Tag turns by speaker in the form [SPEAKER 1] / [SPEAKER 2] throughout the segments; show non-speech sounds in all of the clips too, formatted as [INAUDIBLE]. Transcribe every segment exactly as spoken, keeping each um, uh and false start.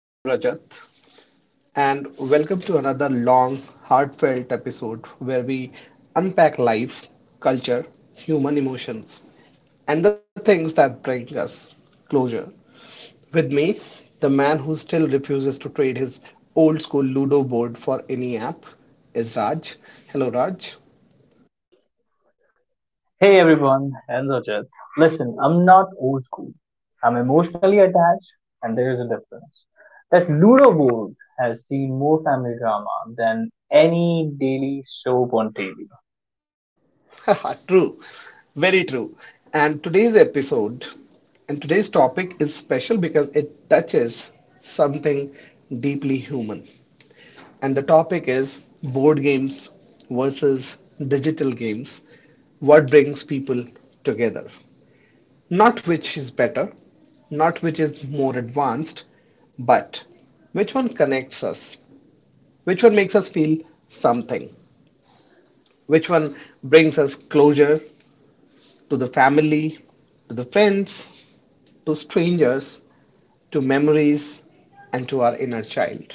[SPEAKER 1] I am Rajat, and welcome to another long, heartfelt episode where we unpack life, culture, human emotions, and the things that bring us closure. With me, the man who still refuses to trade his old school Ludo board for any app is Raj. Hello, Raj.
[SPEAKER 2] Hey everyone, and Rajat. Listen, I'm not old school. I'm emotionally attached, and there is a difference. That Ludo board has seen more family drama than any daily soap on T V.
[SPEAKER 1] [LAUGHS] True, very true. And today's episode and today's topic is special because it touches something deeply human. And the topic is board games versus digital games. What brings people together? Not which is better, not which is more advanced, but which one connects us? Which one makes us feel something? Which one brings us closure to the family, to the friends, to strangers, to memories, and to our inner child.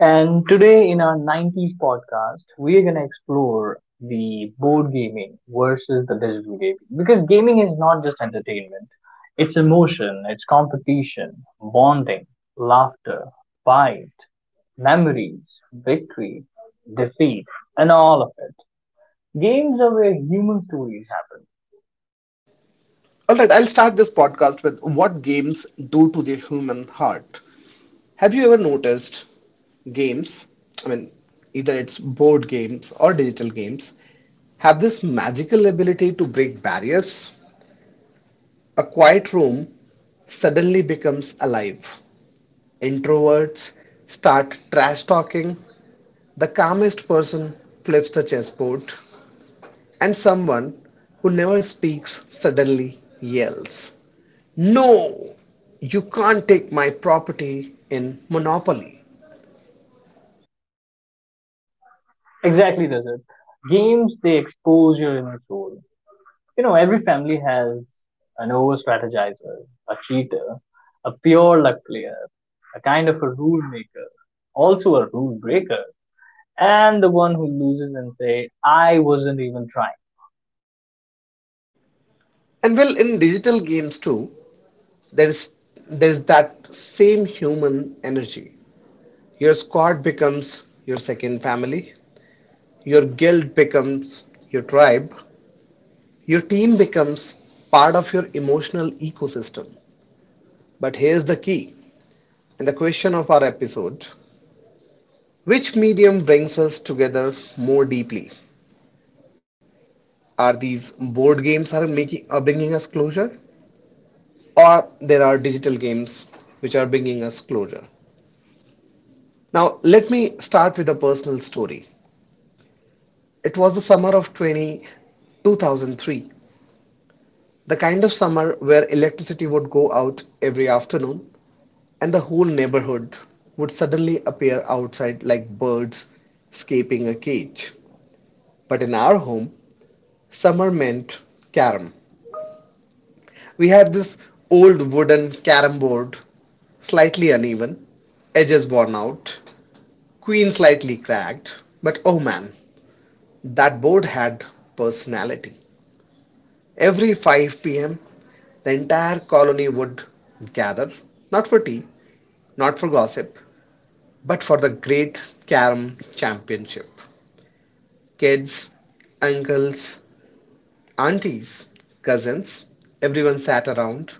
[SPEAKER 2] And today in our nineties podcast, we are going to explore the board gaming versus the digital gaming. Because gaming is not just entertainment, it's emotion, it's competition, bonding, laughter, fight, memories, victory, defeat, and all of it. Games are where human stories happen.
[SPEAKER 1] All right, I'll start this podcast with what games do to the human heart. Have you ever noticed games? I mean, either it's board games or digital games, have this magical ability to break barriers. A quiet room suddenly becomes alive. Introverts start trash talking. The calmest person flips the chessboard, and someone who never speaks suddenly yells, "No! You can't take my property in Monopoly."
[SPEAKER 2] Exactly, does it? Games, they expose your inner soul. You know, every family has an over strategizer, a cheater, a pure luck player, a kind of a rule maker, also a rule breaker, and the one who loses and say, I wasn't even trying.
[SPEAKER 1] And well, in digital games too, there is there is that same human energy. Your squad becomes your second family, your guild becomes your tribe, your team becomes part of your emotional ecosystem. But here's the key and the question of our episode: which medium brings us together more deeply? Are these board games are making are bringing us closure, or there are digital games which are bringing us closure? Now let me start with a personal story. It was the summer of two thousand three, the kind of summer where electricity would go out every afternoon, and the whole neighborhood would suddenly appear outside like birds escaping a cage. But in our home, summer meant carom. We had this old wooden carom board, slightly uneven, edges worn out, queen slightly cracked, but oh man, that board had personality. Every five p m, the entire colony would gather, not for tea, not for gossip, but for the great carom championship. Kids, uncles, aunties, cousins, everyone sat around.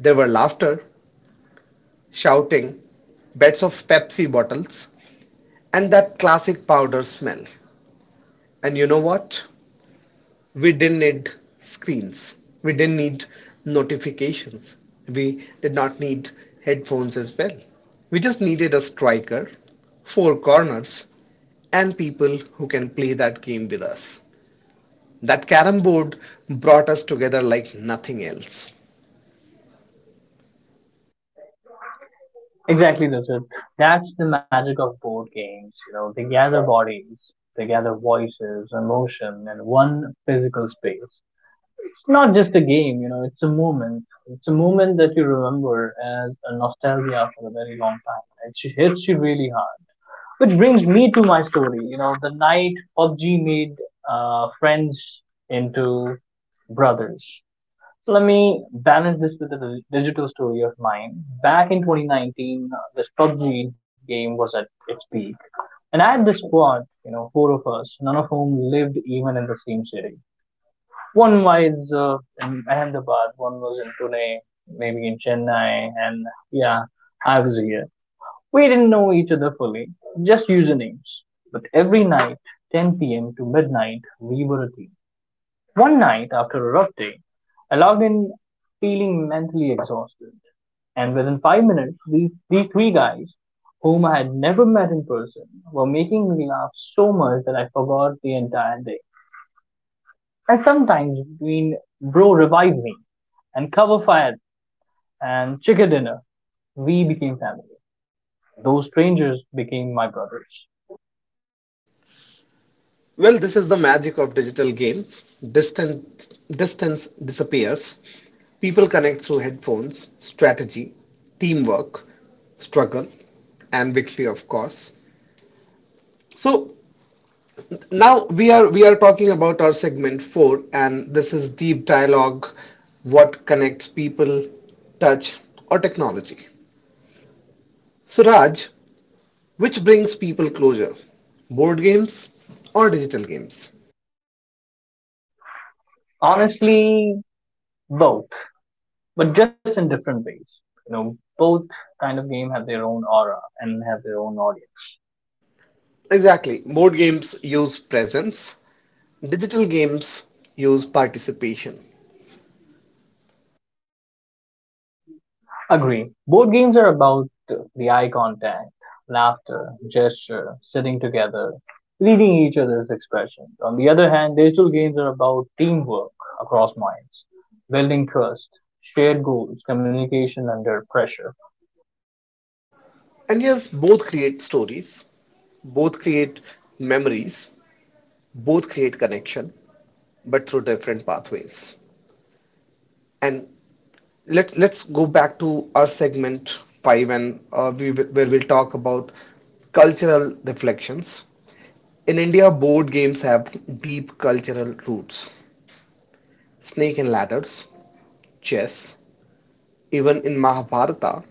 [SPEAKER 1] There were laughter, shouting, beds of Pepsi bottles, and that classic powder smell. And you know what? We didn't need screens, we didn't need notifications, we did not need headphones as well. We just needed a striker, four corners, and people who can play that game with us. That carrom board brought us together like nothing else.
[SPEAKER 2] Exactly, that's it. That's the magic of board games. You know, they gather bodies, they gather voices, emotion, and one physical space. It's not just a game, you know, it's a moment. It's a moment that you remember as a nostalgia for a very long time. It hits you really hard. Which brings me to my story. You know, the night P U B G made uh, friends into brothers. So let me balance this with a digital story of mine. Back in twenty nineteen, uh, this P U B G game was at its peak. And I had this squad, you know, four of us, none of whom lived even in the same city. One was uh, in Ahmedabad, one was in Pune, maybe in Chennai, and yeah, I was here. We didn't know each other fully, just usernames. But every night, ten p m to midnight, we were a team. One night, after a rough day, I logged in feeling mentally exhausted. And within five minutes, these, these three guys, whom I had never met in person, were making me laugh so much that I forgot the entire day. And sometimes, between bro revive me and cover fire and chicken dinner, we became family. Those strangers became my brothers.
[SPEAKER 1] Well, this is the magic of digital games. Distant, distance disappears. People connect through headphones, strategy, teamwork, struggle, and victory, of course. So now we are we are talking about our segment four, and this is deep dialogue, what connects people, touch, or technology. So Raj, which brings people closer? Board games or digital games?
[SPEAKER 2] Honestly, both, but just in different ways. You know, both kind of game have their own aura and have their own audience.
[SPEAKER 1] Exactly. Board games use presence. Digital games use participation.
[SPEAKER 2] Agree. Board games are about uh, the eye contact, laughter, gesture, sitting together, reading each other's expressions. On the other hand, digital games are about teamwork across minds, building trust, shared goals, communication under pressure.
[SPEAKER 1] And yes, both create stories, both create memories, both create connection, but through different pathways. And let's let's go back to our segment five, and uh, we where we'll talk about cultural reflections. In India, board games have deep cultural roots. Snake and ladders, chess, even in Mahabharata,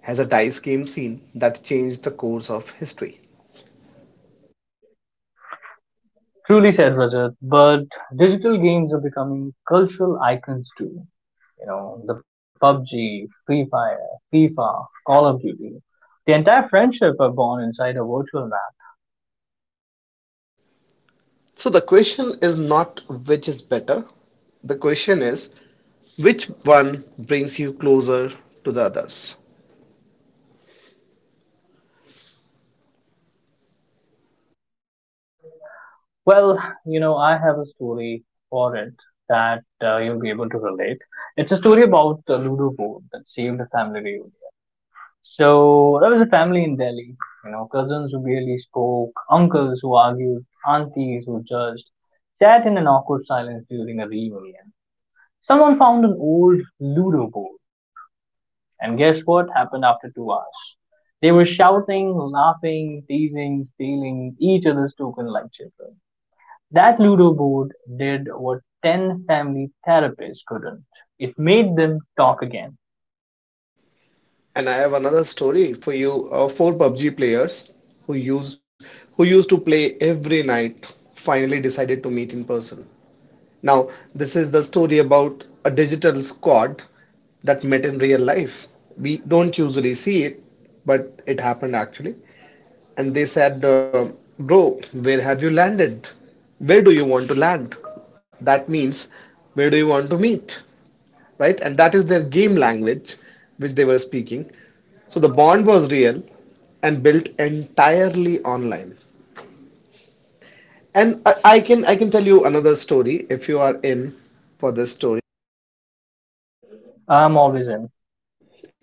[SPEAKER 1] has a dice game scene that changed the course of history.
[SPEAKER 2] Truly said, Rajat, but digital games are becoming cultural icons too. You know, the P U B G, Free Fire, FIFA, Call of Duty. The entire friendship are born inside a virtual map.
[SPEAKER 1] So the question is not which is better. The question is which one brings you closer to the others.
[SPEAKER 2] Well, you know, I have a story for it that uh, you'll be able to relate. It's a story about the Ludo board that saved a family reunion. So there was a family in Delhi, you know, cousins who barely spoke, uncles who argued, aunties who judged, sat in an awkward silence during a reunion. Someone found an old Ludo board, and guess what happened after two hours? They were shouting, laughing, teasing, stealing each other's token like children. That Ludo board did what ten family therapists couldn't. It made them talk again.
[SPEAKER 1] And I have another story for you. Uh, four P U B G players who use who used to play every night finally decided to meet in person. Now, this is the story about a digital squad that met in real life. We don't usually see it, but it happened actually. And they said, uh, "Bro, where have you landed? Where do you want to land?" That means, where do you want to meet? Right? And that is their game language which they were speaking. So the bond was real and built entirely online. And I, I can I can tell you another story if you are in for this story.
[SPEAKER 2] I'm always in.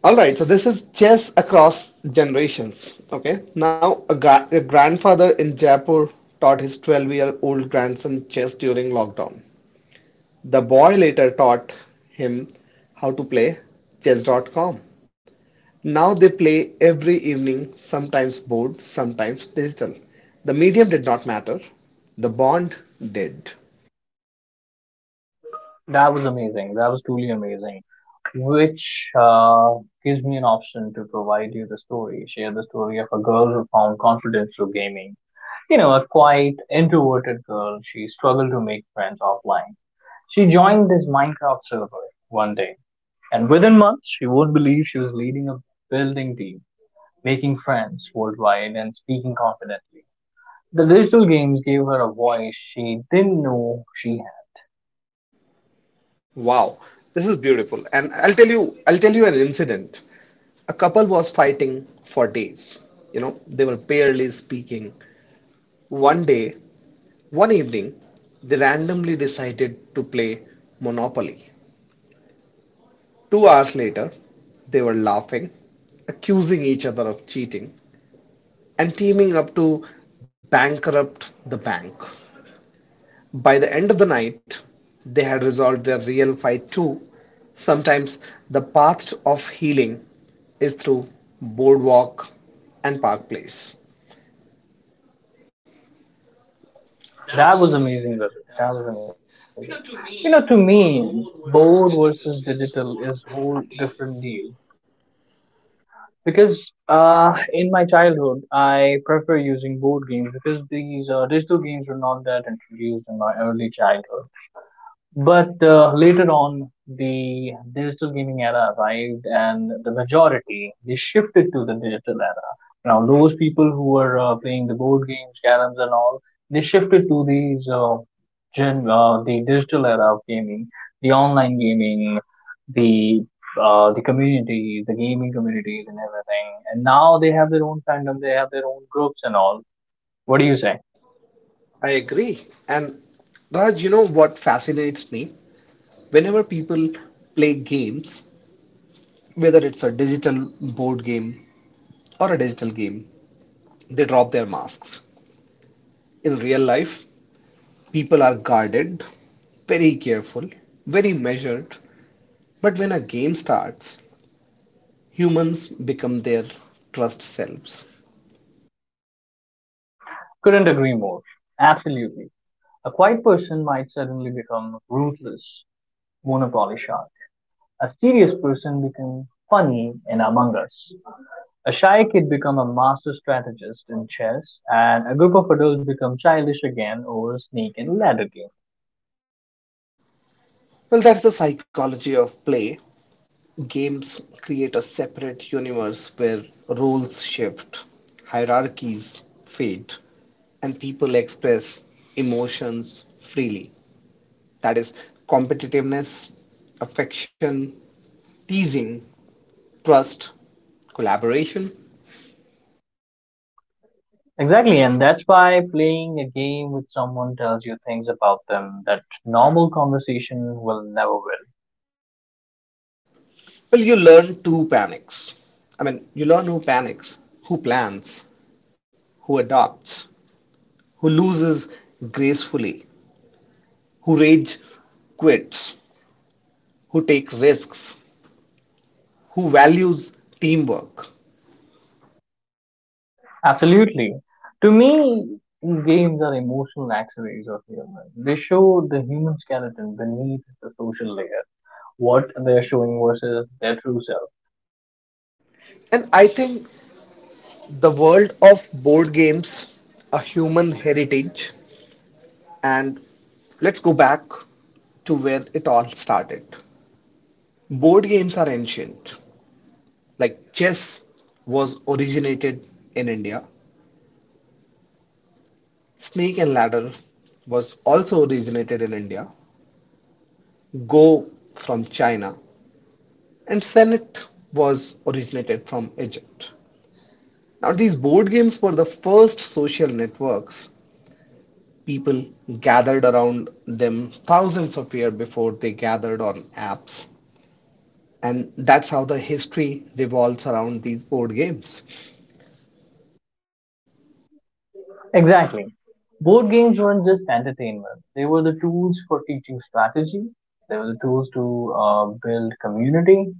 [SPEAKER 1] All right, so this is chess across generations. Okay, now a, gra- a grandfather in Jaipur taught his twelve year old grandson chess during lockdown. The boy later taught him how to play chess dot com. Now they play every evening, sometimes board, sometimes digital. The medium did not matter, the bond did.
[SPEAKER 2] That was amazing. That was truly amazing. Which uh, gives me an option to provide you the story, share the story of a girl who found confidence through gaming. You know, a quiet, introverted girl, she struggled to make friends offline. She joined this Minecraft server one day, and within months, she won't believe she was leading a building team, making friends worldwide, and speaking confidently. The digital games gave her a voice she didn't know she
[SPEAKER 1] Wow, this is beautiful. And I'll tell you, I'll tell you an incident. A couple was fighting for days. You know, they were barely speaking. One day, one evening, they randomly decided to play Monopoly. Two hours later, they were laughing, accusing each other of cheating, and teaming up to bankrupt the bank. By the end of the night, they had resolved their real fight too. Sometimes the path of healing is through Boardwalk and Park Place.
[SPEAKER 2] That was amazing, Rajat. That was amazing. You know, to me, board versus digital is whole different deal. Because uh, in my childhood, I prefer using board games because these uh, digital games were not that introduced in my early childhood. But uh, later on, the digital gaming era arrived, and the majority they shifted to the digital era. Now, those people who were uh, playing the board games, caroms, and all, they shifted to these uh, gen uh, the digital era of gaming, the online gaming, the uh, the communities, the gaming communities, and everything. And now they have their own fandom, they have their own groups and all. What do you say?
[SPEAKER 1] I agree. And Raj, you know what fascinates me? Whenever people play games, whether it's a digital board game or a digital game, they drop their masks. In real life, people are guarded, very careful, very measured. But when a game starts, humans become their trust selves.
[SPEAKER 2] Couldn't agree more. Absolutely. A quiet person might suddenly become ruthless, monopoly shark. A serious person becomes funny in Among Us. A shy kid become a master strategist in chess, and a group of adults become childish again over snake and ladder game.
[SPEAKER 1] Well, that's the psychology of play. Games create a separate universe where roles shift, hierarchies fade, and people express emotions freely. That is competitiveness, affection, teasing, trust, collaboration.
[SPEAKER 2] Exactly, and that's why playing a game with someone tells you things about them that normal conversation will never will.
[SPEAKER 1] Well, you learn who panics. I mean, you learn who panics, who plans, who adopts, who loses gracefully, who rage quits, who take risks, who values teamwork.
[SPEAKER 2] Absolutely. To me, games are emotional x-rays of humans. They show the human skeleton beneath the social layer, what they're showing versus their true self.
[SPEAKER 1] And I think the world of board games, a human heritage, and let's go back to where it all started. Board games are ancient, like chess was originated in India, snake and ladder was also originated in India, go from China, and Senet was originated from Egypt. Now, these board games were the first social networks. People gathered around them thousands of years before they gathered on apps. And that's how the history revolves around these board games.
[SPEAKER 2] Exactly. Board games weren't just entertainment. They were the tools for teaching strategy. They were the tools to uh, build community,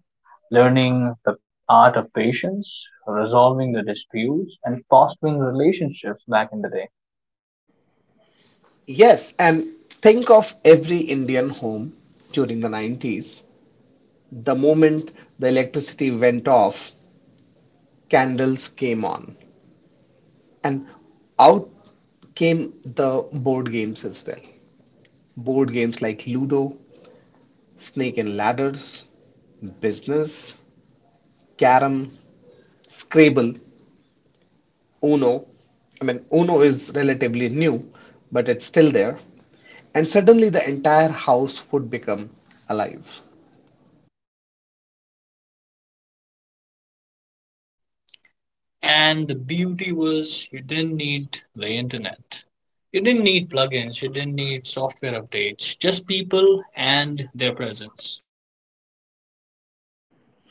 [SPEAKER 2] learning the art of patience, resolving the disputes, and fostering relationships back in the day.
[SPEAKER 1] Yes, and think of every Indian home during the nineties. The moment the electricity went off, candles came on, and out came the board games as well. Board games like Ludo, Snake and Ladders, Business, Carrom, Scrabble, Uno. I mean, Uno is relatively new, but it's still there. And suddenly the entire house would become alive.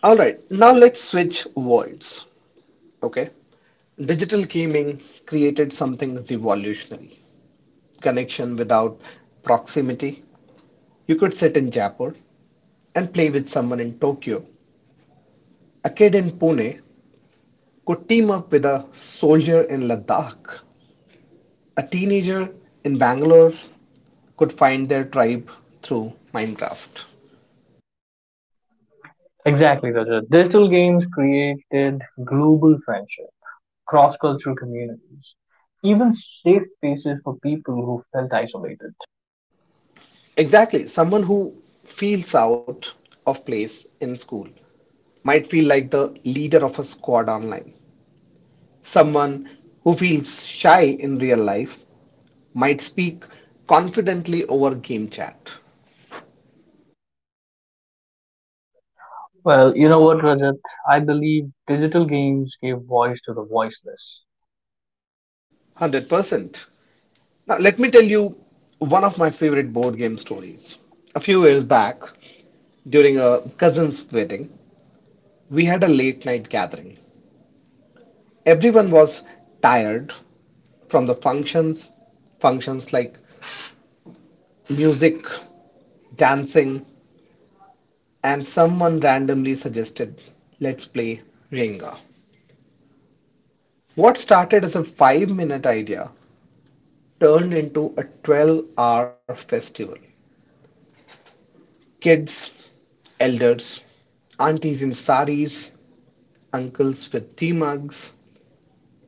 [SPEAKER 1] Alright, now let's switch worlds. Okay. Digital gaming created something revolutionary: connection without proximity. You could sit in Jaipur and play with someone in Tokyo, a kid in Pune could team up with a soldier in Ladakh. A teenager in Bangalore could find their tribe through Minecraft.
[SPEAKER 2] Exactly, Rajat. Digital games created global friendships, cross-cultural communities, even safe spaces for people who felt isolated.
[SPEAKER 1] Exactly, someone who feels out of place in school might feel like the leader of a squad online. Someone who feels shy in real life might speak confidently over game chat.
[SPEAKER 2] Well, you know what, Rajat? I believe digital games gave voice to the voiceless.
[SPEAKER 1] one hundred percent. Now, let me tell you one of my favorite board game stories. A few years back, during a cousin's wedding, we had a late night gathering. Everyone was tired from the functions, functions like music, dancing, and someone randomly suggested, let's play Ringa. What started as a five minute idea turned into a twelve hour festival. Kids, elders, aunties in saris, uncles with tea mugs,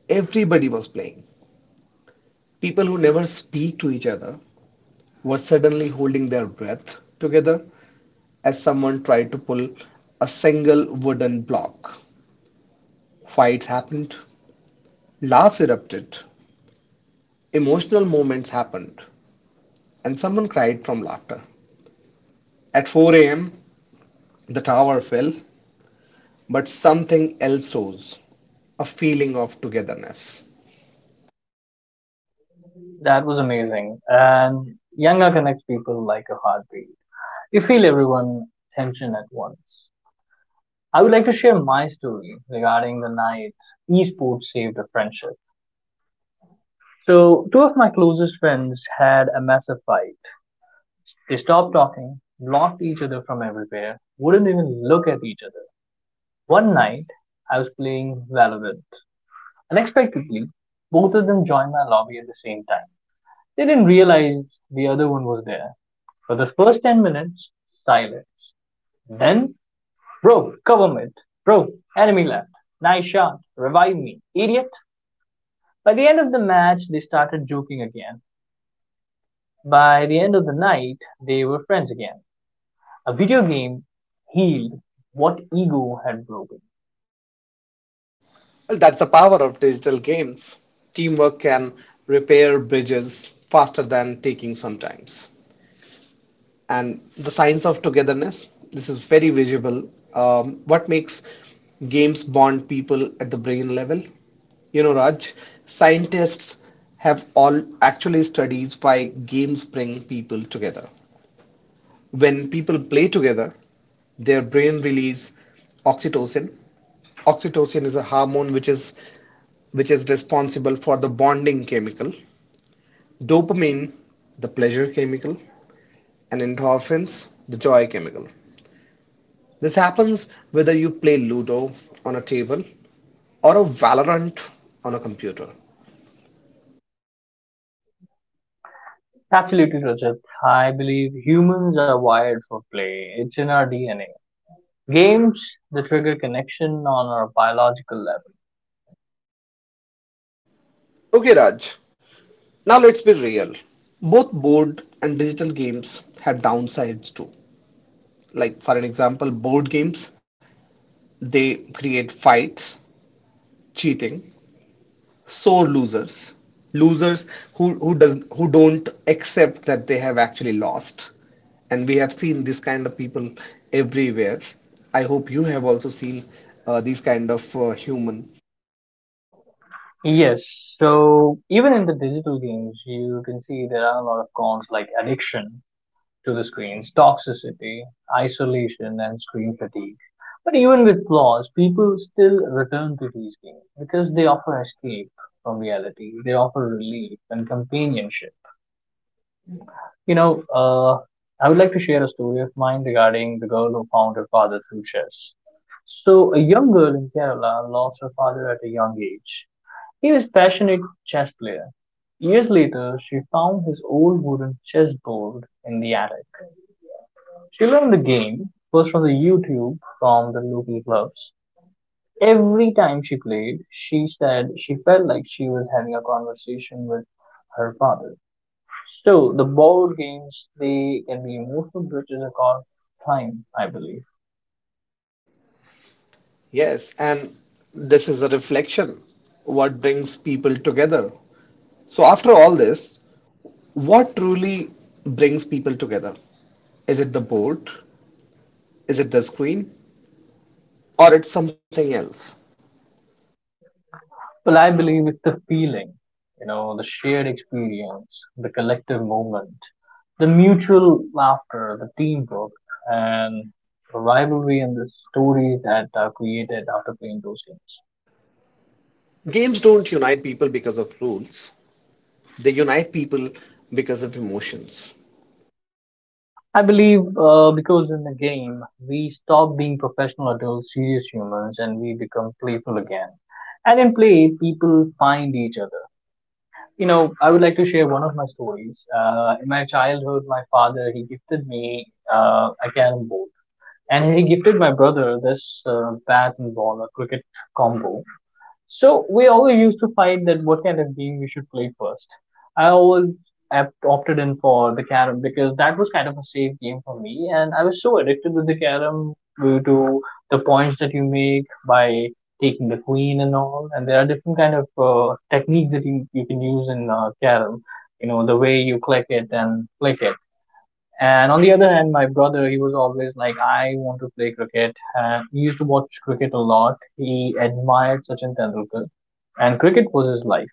[SPEAKER 1] everybody was playing. People who never speak to each other were suddenly holding their breath together as someone tried to pull a single wooden block. Fights happened, laughs erupted, emotional moments happened, and someone cried from laughter. At four a m, the tower fell, but something else rose: a feeling of togetherness.
[SPEAKER 2] That was amazing. And Yanga connects people like a heartbeat. You feel everyone's tension at once. I would like to share my story regarding the night esports saved a friendship. So, two of my closest friends had a massive fight. They stopped talking, blocked each other from everywhere, wouldn't even look at each other. One night, I was playing Valorant. Unexpectedly, both of them joined my lobby at the same time. They didn't realize the other one was there. For the first ten minutes, silence. Then, bro, cover mid. Bro, enemy left. Nice shot. Revive me. Idiot. By the end of the match, they started joking again. By the end of the night, they were friends again. A video game healed what ego had broken.
[SPEAKER 1] Well, that's the power of digital games. Teamwork can repair bridges faster than taking sometimes. And the science of togetherness. This is very visible. Um, what makes games bond people at the brain level? You know, Raj, scientists have all actually studies why games bring people together. When people play together, their brain release oxytocin. Oxytocin is a hormone which is which is responsible for the bonding chemical, dopamine, the pleasure chemical, and endorphins, the joy chemical. This happens whether you play Ludo on a table or a Valorant on a computer.
[SPEAKER 2] Absolutely, Rajat. I believe humans are wired for play. It's in our D N A. Games that trigger connection on our biological level.
[SPEAKER 1] Okay, Raj, now let's be real. Both board and digital games have downsides too. Like, for an example, board games, they create fights, cheating, sore losers losers who who does who don't accept that they have actually lost, and we have seen this kind of people everywhere. I hope you have also seen uh, these kind of uh, human.
[SPEAKER 2] Yes, so even in the digital games, you can see there are a lot of cons like addiction to the screens, toxicity, isolation, and screen fatigue. But even with flaws, people still return to these games because they offer escape from reality, they offer relief and companionship. You know, uh, I would like to share a story of mine regarding the girl who found her father through chess. So, a young girl in Kerala lost her father at a young age. He was a passionate chess player. Years later, she found his old wooden chessboard in the attic. She learned the game first from the YouTube from the local clubs. Every time she played, she said she felt like she was having a conversation with her father. So the board games they can be emotional bridges across time, I believe.
[SPEAKER 1] Yes, and this is a reflection what brings people together. So after all this, what truly brings people together? Is it the board, is it the screen, or it's something else?
[SPEAKER 2] Well, I believe it's the feeling, you know, the shared experience, the collective moment, the mutual laughter, the teamwork, and the rivalry and the stories that are created after playing those games.
[SPEAKER 1] Games don't unite people because of rules. They unite people because of emotions.
[SPEAKER 2] I believe uh, because in the game we stop being professional adults, serious humans, and we become playful again. And in play, people find each other You know, I would like to share one of my stories. Uh, in my childhood, my father he gifted me uh, a carom board, and he gifted my brother this uh, bat and ball, a cricket combo. So we always used to fight that what kind of game we should play first. I always opt- opted in for the carom because that was kind of a safe game for me, and I was so addicted with the carom due to the points that you make by taking the queen and all. And there are different kind of uh, techniques that you, you can use in uh, carom. You know the way you click it and click it. And on the other hand, my brother, he was always like, I want to play cricket. And he used to watch cricket a lot. He admired Sachin Tendulkar, and cricket was his life.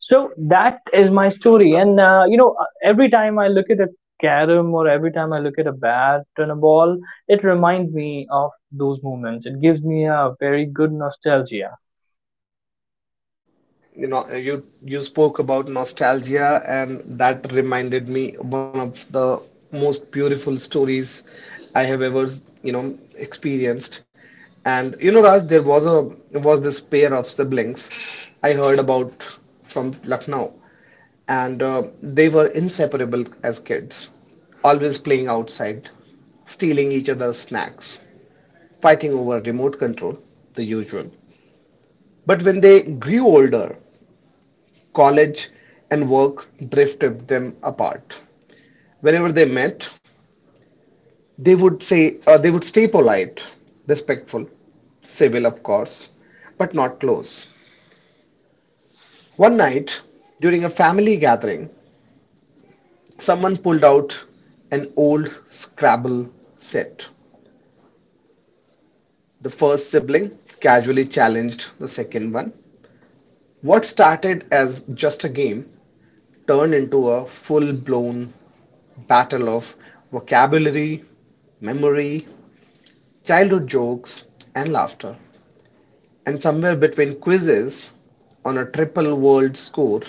[SPEAKER 2] So that is my story. And uh, you know, uh, every time I look at a carom or every time I look at a bat and a ball, it reminds me of those moments. It gives me a very good nostalgia.
[SPEAKER 1] You know, you you spoke about nostalgia, and that reminded me of one of the most beautiful stories I have ever, you know, experienced. And you know, Raj, there was a was this pair of siblings I heard about from Lucknow, and uh, they were inseparable as kids, always playing outside, stealing each other's snacks, fighting over remote control, the usual. But when they grew older, college and work drifted them apart. Whenever they met, they would say uh, they would stay polite, respectful, civil, of course, but not close. One night, during a family gathering, someone pulled out an old Scrabble set. The first sibling casually challenged the second one. What started as just a game turned into a full blown battle of vocabulary, memory, childhood jokes, and laughter. And somewhere between quizzes on a triple world score,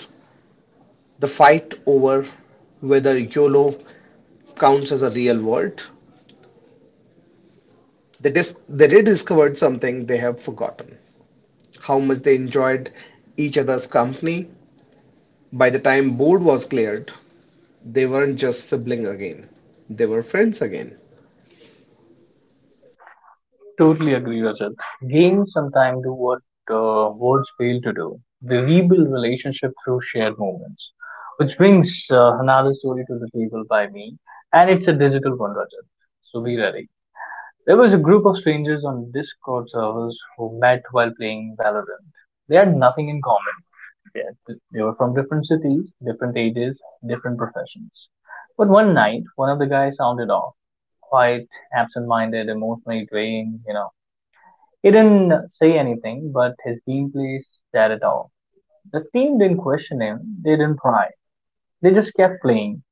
[SPEAKER 1] the fight over whether YOLO counts as a real word. They, dis- they rediscovered something they have forgotten: how much they enjoyed each other's company. By the time board was cleared, they weren't just siblings again, they were friends again.
[SPEAKER 2] Totally agree, Rajat. Games sometimes do what uh, words fail to do. They rebuild relationship through shared moments, which brings uh, another story to the table by me, and it's a digital one, Rajat. So be ready. There was a group of strangers on Discord servers who met while playing Valorant. They had nothing in common yet. They were from different cities, different ages, different professions. But one night, one of the guys sounded off, quite absent-minded, emotionally drained, you know he didn't say anything, but his gameplay said it all. The team didn't question him, they didn't pry. They just kept playing,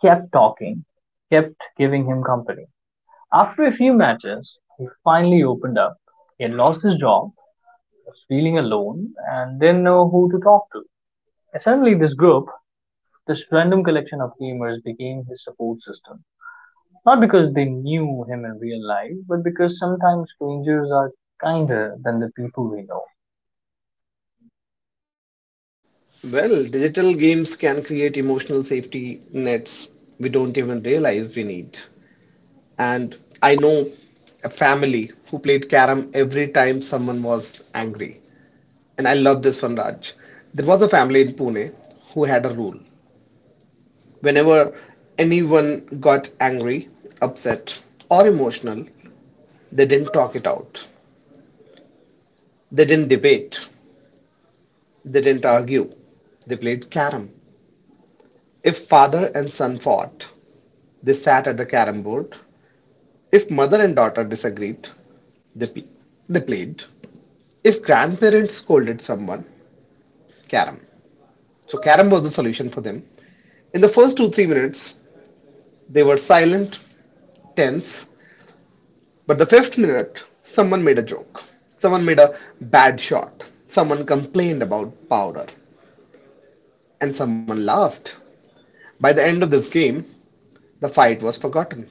[SPEAKER 2] kept talking, kept giving him company. After a few matches, he finally opened up. He had lost his job, was feeling alone, and didn't know who to talk to. And suddenly, this group, this random collection of gamers, became his support system. Not because they knew him in real life, but because sometimes strangers are kinder than the people we know.
[SPEAKER 1] Well, digital games can create emotional safety nets we don't even realize we need. And I know a family who played carom every time someone was angry. And I love this one, Raj. There was a family in Pune who had a rule. Whenever anyone got angry, upset, or emotional, they didn't talk it out. They didn't debate. They didn't argue. They played carom. If father and son fought, they sat at the carom board. If mother and daughter disagreed, they, they played. If grandparents scolded someone, carom. So carom was the solution for them. In the first two, three minutes, they were silent, tense. But the fifth minute, someone made a joke. Someone made a bad shot. Someone complained about powder. And someone laughed. By the end of this game, the fight was forgotten.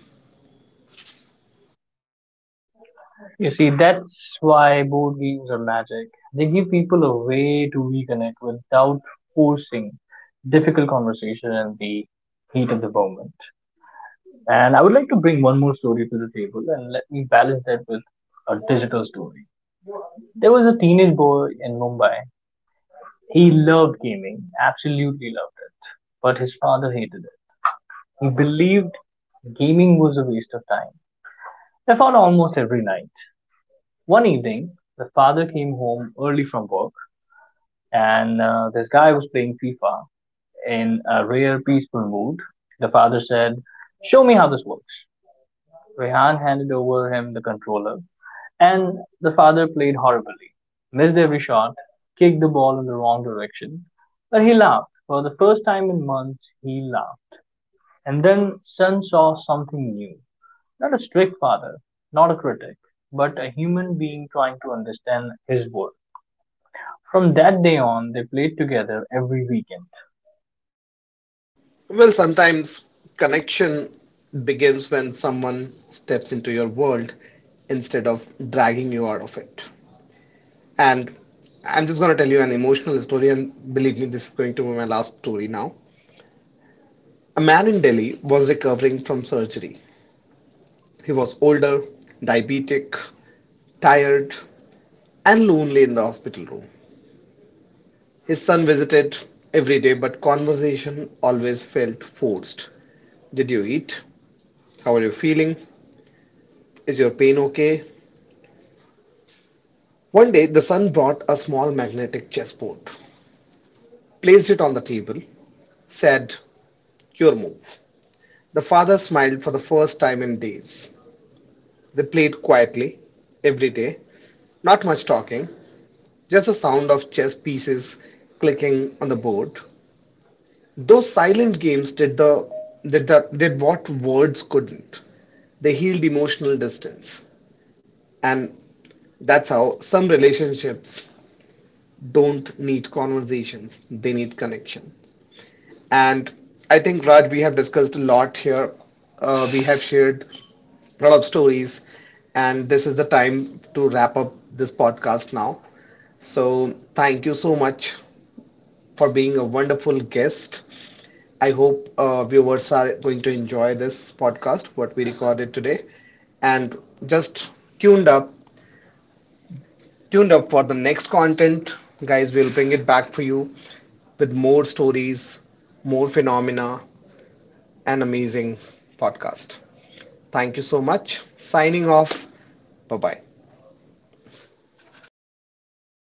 [SPEAKER 2] You see, that's why board games are magic. They give people a way to reconnect without forcing difficult conversation in the heat of the moment. And I would like to bring one more story to the table and let me balance that with a digital story. There was a teenage boy in Mumbai. He loved gaming, absolutely loved it, but his father hated it. He believed gaming was a waste of time. They fought almost every night. One evening, the father came home early from work and uh, this guy was playing FIFA in a rare peaceful mood. The father said, Show me how this works. Rehan handed over him the controller, and the father played horribly, missed every shot, kicked the ball in the wrong direction. But he laughed. For the first time in months, he laughed. And then son saw something new. Not a strict father, not a critic, but a human being trying to understand his world. From that day on, they played together every weekend.
[SPEAKER 1] Well, sometimes connection begins when someone steps into your world instead of dragging you out of it. And I'm just going to tell you an emotional story, and believe me, this is going to be my last story now. A man in Delhi was recovering from surgery. He was older, diabetic, tired, and lonely in the hospital room. His son visited every day, but conversation always felt forced. Did you eat? How are you feeling? Is your pain okay? One day the son brought a small magnetic chessboard, placed it on the table, said, "Your move." The father smiled for the first time in days. They played quietly, every day, not much talking, just the sound of chess pieces clicking on the board. Those silent games did the did, the, did what words couldn't. They healed emotional distance. And that's how some relationships don't need conversations, they need connection. And I think, Raj, we have discussed a lot here. Uh, we have shared a lot of stories, and this is the time to wrap up this podcast now. So, thank you so much for being a wonderful guest. I hope uh, viewers are going to enjoy this podcast, what we recorded today, and just tuned up, tuned up for the next content, guys. We'll bring it back for you with more stories, more phenomena, an amazing podcast. Thank you so much. Signing off. Bye bye.